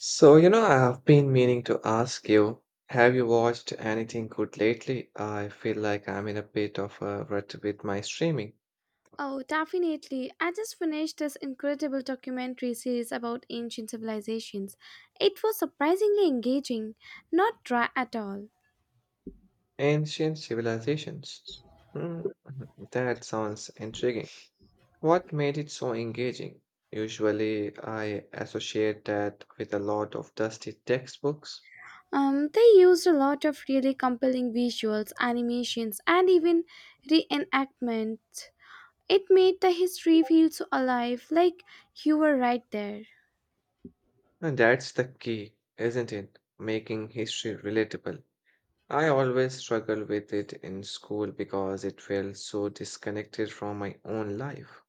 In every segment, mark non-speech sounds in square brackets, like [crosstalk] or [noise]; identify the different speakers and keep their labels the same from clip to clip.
Speaker 1: So, you know, I have been meaning to ask you, have you watched anything good lately? I feel like I'm in a bit of a rut with my streaming.
Speaker 2: Oh, definitely. I just finished this incredible documentary series about ancient civilizations. It was surprisingly engaging, not dry at all.
Speaker 1: Ancient civilizations. Hmm, [laughs] that sounds intriguing. What made it so engaging? Usually, I associate that with a lot of dusty textbooks.
Speaker 2: They used a lot of really compelling visuals, animations, and even reenactment. It made the history feel so alive, like you were right there.
Speaker 1: And that's the key, isn't it? Making history relatable. I always struggle with it in school because it felt so disconnected from my own life.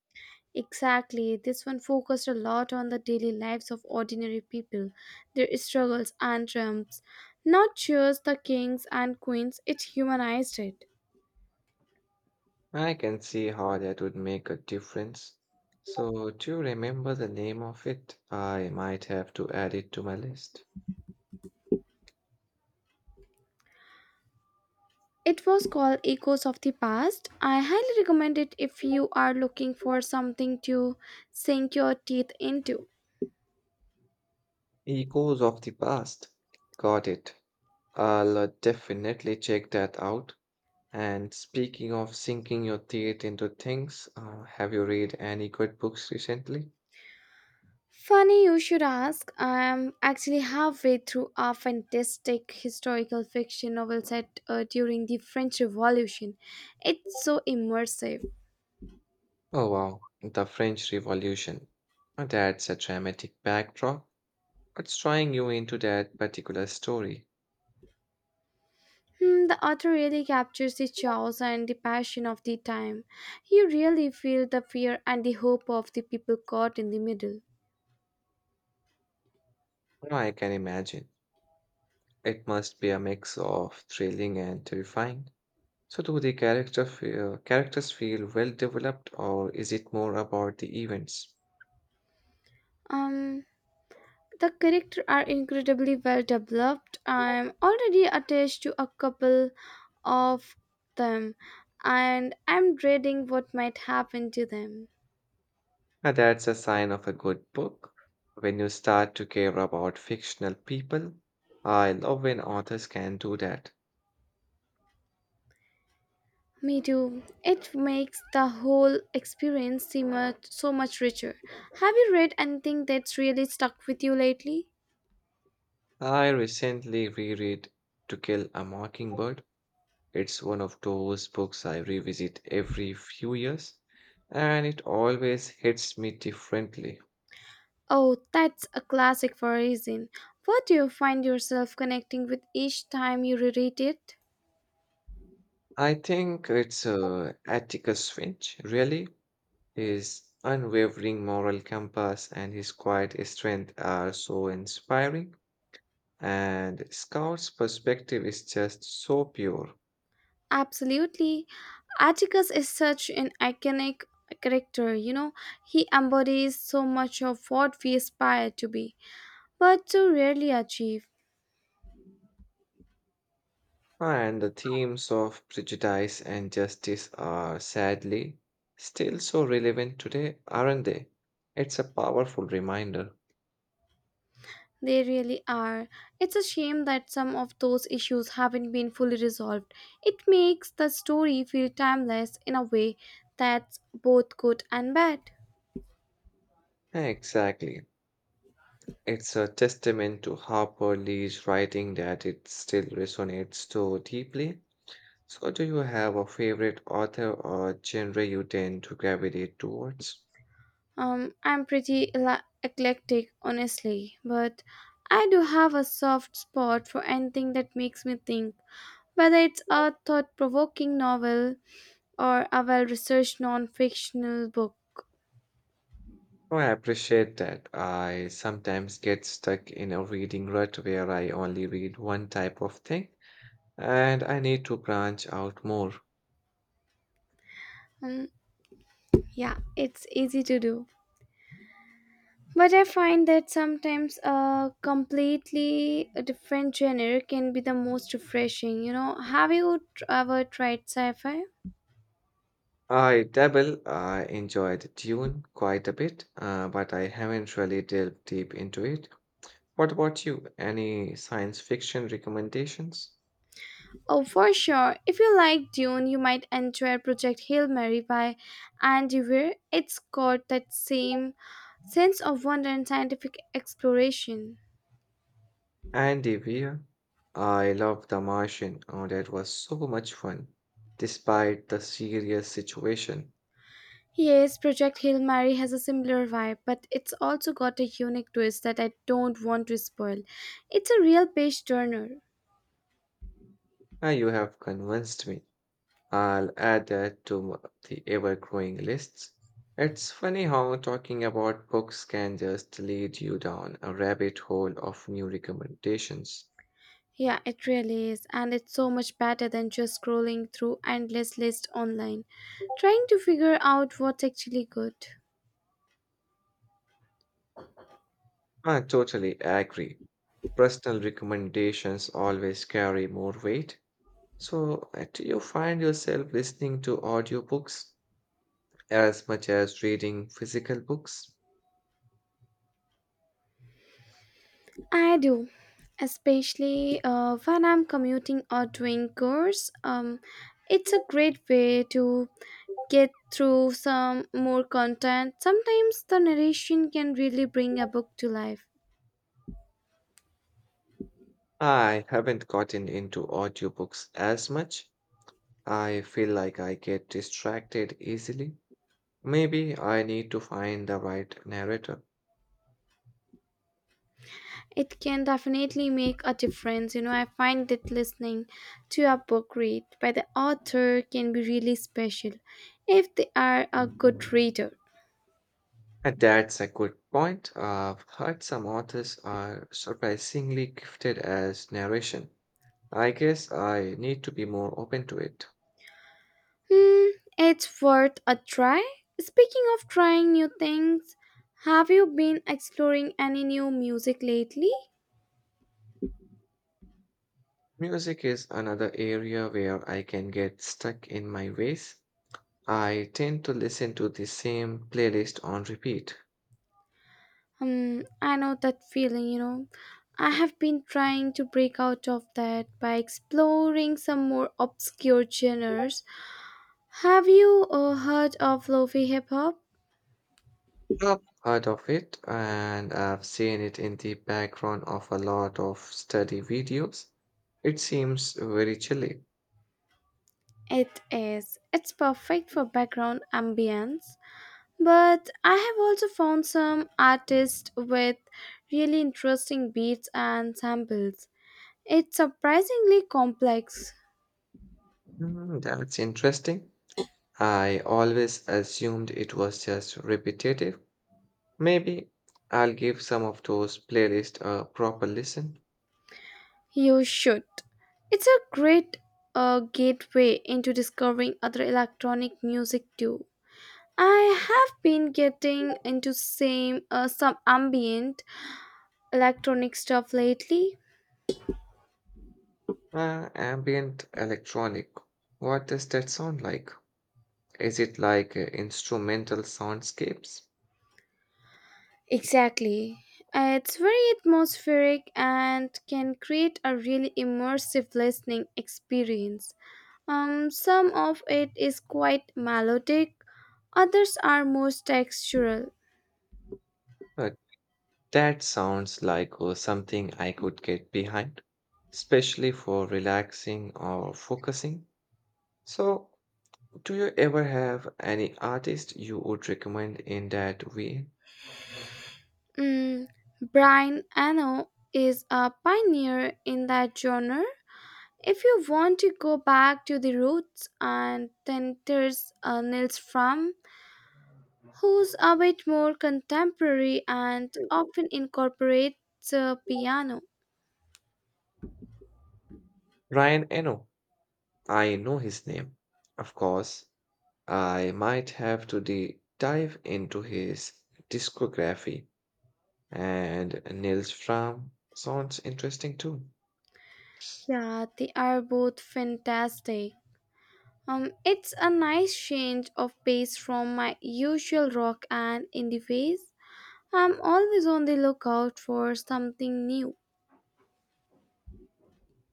Speaker 2: Exactly, this one focused a lot on the daily lives of ordinary people, their struggles and triumphs. Not just the kings and queens, it humanized it.
Speaker 1: I can see how that would make a difference. So, do you remember the name of it? I might have to add it to my list.
Speaker 2: It was called Echoes of the Past. I highly recommend it if you are looking for something to sink your teeth into.
Speaker 1: Echoes of the Past. Got it. I'll definitely check that out. And speaking of sinking your teeth into things, have you read any good books recently?
Speaker 2: Funny you should ask, I am actually halfway through a fantastic historical fiction novel set during the French Revolution. It's so immersive.
Speaker 1: Oh wow, the French Revolution. That's a dramatic backdrop. It's drawing you into that particular story.
Speaker 2: Hmm, the author really captures the chaos and the passion of the time. You really feel the fear and the hope of the people caught in the middle.
Speaker 1: Now I can imagine. It must be a mix of thrilling and terrifying. So do characters feel well developed, or is it more about the events?
Speaker 2: Um, the characters are incredibly well developed. I'm already attached to a couple of them, and I'm dreading what might happen to them.
Speaker 1: That's a sign of a good book. When you start to care about fictional people, I love when authors can do that.
Speaker 2: Me too. It makes the whole experience seem so much richer. Have you read anything that's really stuck with you lately?
Speaker 1: I recently reread To Kill a Mockingbird. It's one of those books I revisit every few years, and it always hits me differently.
Speaker 2: Oh, that's a classic for a reason. What do you find yourself connecting with each time you reread it?
Speaker 1: I think it's Atticus Finch, really. His unwavering moral compass and his quiet strength are so inspiring, and Scout's perspective is just so pure.
Speaker 2: Absolutely. Atticus is such an iconic character, you know, he embodies so much of what we aspire to be, but so rarely achieve.
Speaker 1: And the themes of prejudice and justice are sadly still so relevant today, aren't they? It's a powerful reminder.
Speaker 2: They really are. It's a shame that some of those issues haven't been fully resolved. It makes the story feel timeless in a way that's both good and bad.
Speaker 1: Exactly. It's a testament to Harper Lee's writing that it still resonates so deeply. So, do you have a favorite author or genre you tend to gravitate towards?
Speaker 2: I'm pretty eclectic, honestly, but I do have a soft spot for anything that makes me think, whether it's a thought provoking novel or a well researched non fictional book.
Speaker 1: Oh, I appreciate that. I sometimes get stuck in a reading rut where I only read one type of thing, and I need to branch out more.
Speaker 2: Um, yeah, it's easy to do. But I find that sometimes a completely different genre can be the most refreshing. You know, have you ever tried sci fi?
Speaker 1: I dabble, I enjoy the tune quite a bit, but I haven't really delved deep into it. What about you? Any science fiction recommendations?
Speaker 2: Oh, for sure. If you like Dune, you might enjoy Project Hail Mary by Andy Weir. It's got that same sense of wonder and scientific exploration.
Speaker 1: Andy Weir. I love The Martian. Oh, that was so much fun. Despite the serious situation,
Speaker 2: Yes, Project Hail Mary has a similar vibe, but it's also got a unique twist that I don't want to spoil. It's a real page turner.
Speaker 1: now you have convinced me. I'll add that to the ever-growing lists. It's funny how talking about books can just lead you down a rabbit hole of new recommendations.
Speaker 2: Yeah, it really is, and it's so much better than just scrolling through endless lists online, trying to figure out what's actually good.
Speaker 1: I totally agree. Personal recommendations always carry more weight. So, do you find yourself listening to audiobooks as much as reading physical books?
Speaker 2: I do, especially when I'm commuting or doing chores. It's a great way to get through some more content. Sometimes the narration can really bring a book to life.
Speaker 1: I haven't gotten into audiobooks as much. I feel like I get distracted easily. Maybe I need to find the right narrator.
Speaker 2: It can definitely make a difference. You know, I find that listening to a book read by the author can be really special if they are a good reader.
Speaker 1: And that's a good point. I've heard some authors are surprisingly gifted as narration. I guess I need to be more open to it.
Speaker 2: Hmm, it's worth a try. Speaking of trying new things, have you been exploring any new music lately?
Speaker 1: Music is another area where I can get stuck in my ways. I tend to listen to the same playlist on repeat.
Speaker 2: Hmm, I know that feeling, you know. I have been trying to break out of that by exploring some more obscure genres. Have you heard of lofi hip hop?
Speaker 1: I've heard of it, and I've seen it in the background of a lot of study videos. It seems very chilly.
Speaker 2: It is. It's perfect for background ambience. But I have also found some artists with really interesting beats and samples. It's surprisingly complex.
Speaker 1: Hmm, that's interesting. I always assumed it was just repetitive. Maybe I'll give some of those playlists a proper listen.
Speaker 2: You should. It's a great gateway into discovering other electronic music too. I have been getting into same some ambient electronic stuff lately.
Speaker 1: Ambient electronic. What does that sound like? Is it like instrumental soundscapes?
Speaker 2: Exactly. It's very atmospheric and can create a really immersive listening experience. Some of it is quite melodic, others are more textural.
Speaker 1: Uh, that sounds like something I could get behind, especially for relaxing or focusing. So, do you ever have any artist you would recommend in that way?
Speaker 2: Mm, Brian Eno is a pioneer in that genre. If you want to go back to the roots, and then there's Nils Fram, who's a bit more contemporary and often incorporates piano.
Speaker 1: Ryan Eno. I know his name. Of course, I might have to dive into his discography. And Nils Fram sounds interesting too.
Speaker 2: Yeah, they are both fantastic. It's a nice change of pace from my usual rock and indie phase. I'm always on the lookout for something new.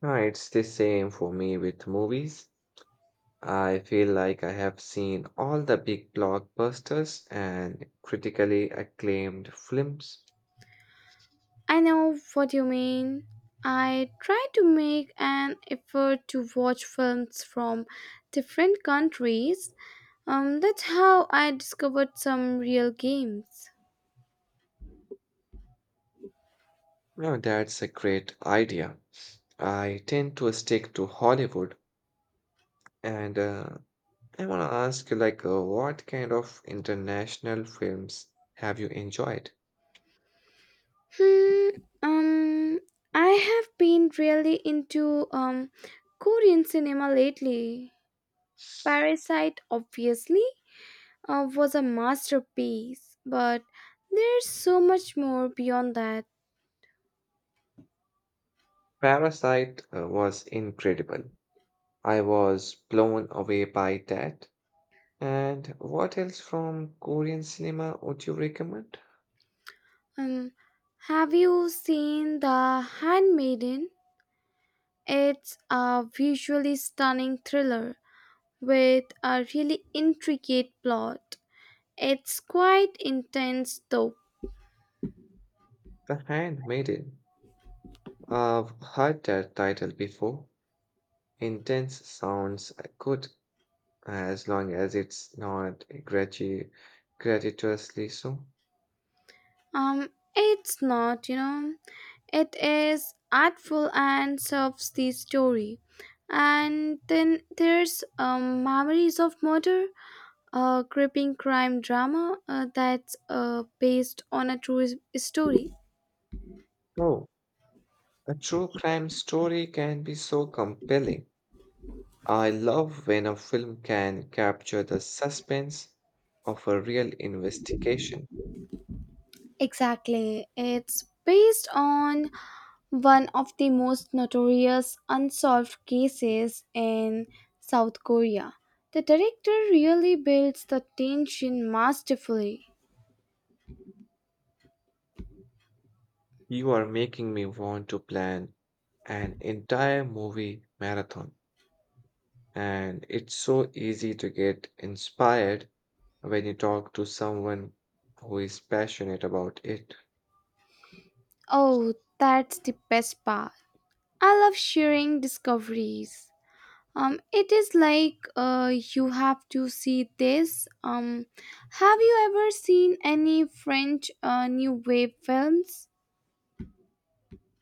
Speaker 1: It's the same for me with movies. I feel like I have seen all the big blockbusters and critically acclaimed films.
Speaker 2: I know what you mean. I try to make an effort to watch films from different countries. That's how I discovered some real games.
Speaker 1: Now that's a great idea. I tend to stick to Hollywood, and I want to ask you, like, what kind of international films have you enjoyed?
Speaker 2: Hmm, um, I have been really into Korean cinema lately. Parasite, obviously, was a masterpiece, but there's so much more beyond that.
Speaker 1: Parasite was incredible. I was blown away by that. And what else from Korean cinema would you recommend?
Speaker 2: Um, have you seen The Handmaiden? It's a visually stunning thriller with a really intricate plot. It's quite intense, though.
Speaker 1: The Handmaiden. I've heard that title before. Intense sounds good as long as it's not gratuitously so.
Speaker 2: Um, it's not, you know, it is artful and serves the story. And then there's Memories of Murder, a gripping crime drama that's based on a story.
Speaker 1: Oh, a true crime story can be so compelling. I love when a film can capture the suspense of a real investigation.
Speaker 2: Exactly. It's based on one of the most notorious unsolved cases in South Korea. The director really builds the tension masterfully.
Speaker 1: You are making me want to plan an entire movie marathon. And it's so easy to get inspired when you talk to someone who is passionate about it.
Speaker 2: Oh, that's the best part. I love sharing discoveries. It is like you have to see this. Have you ever seen any French New Wave films?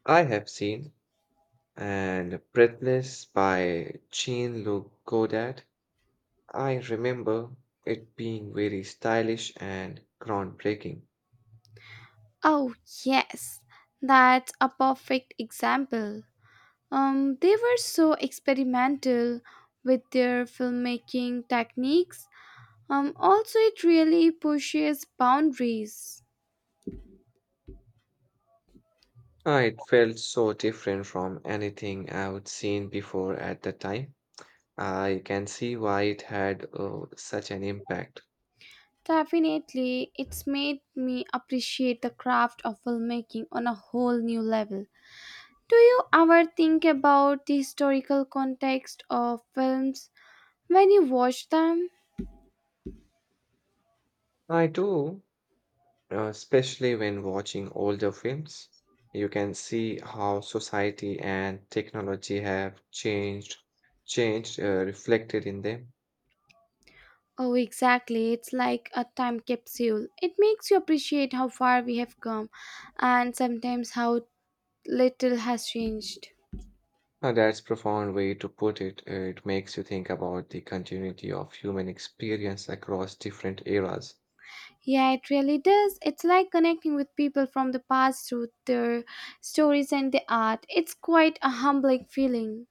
Speaker 1: I have seen and Breathless by Jean-Luc Godard. I remember it being very stylish and groundbreaking.
Speaker 2: Oh, yes, that's a perfect example. They were so experimental with their filmmaking techniques. Also, it really pushes boundaries.
Speaker 1: It felt so different from anything I would seen before at the time. I can see why it had such an impact.
Speaker 2: Definitely, it's made me appreciate the craft of filmmaking on a whole new level. Do you ever think about the historical context of films when you watch them?
Speaker 1: I do especially when watching older films, you can see how society and technology have changed, reflected in them.
Speaker 2: Oh, exactly. It's like a time capsule. It makes you appreciate how far we have come and sometimes how little has changed.
Speaker 1: Now, that's profound way to put it. It makes you think about the continuity of human experience across different eras.
Speaker 2: Yeah, it really does. It's like connecting with people from the past through their stories and the art. It's quite a humbling feeling.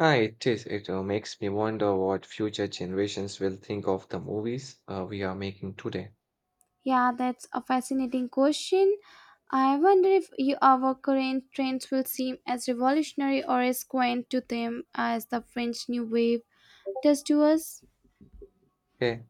Speaker 1: Ah, it is. It makes me wonder what future generations will think of the movies we are making today.
Speaker 2: Yeah, that's a fascinating question. I wonder if you, our current trends will seem as revolutionary or as quaint to them as the French New Wave does to us.
Speaker 1: Okay.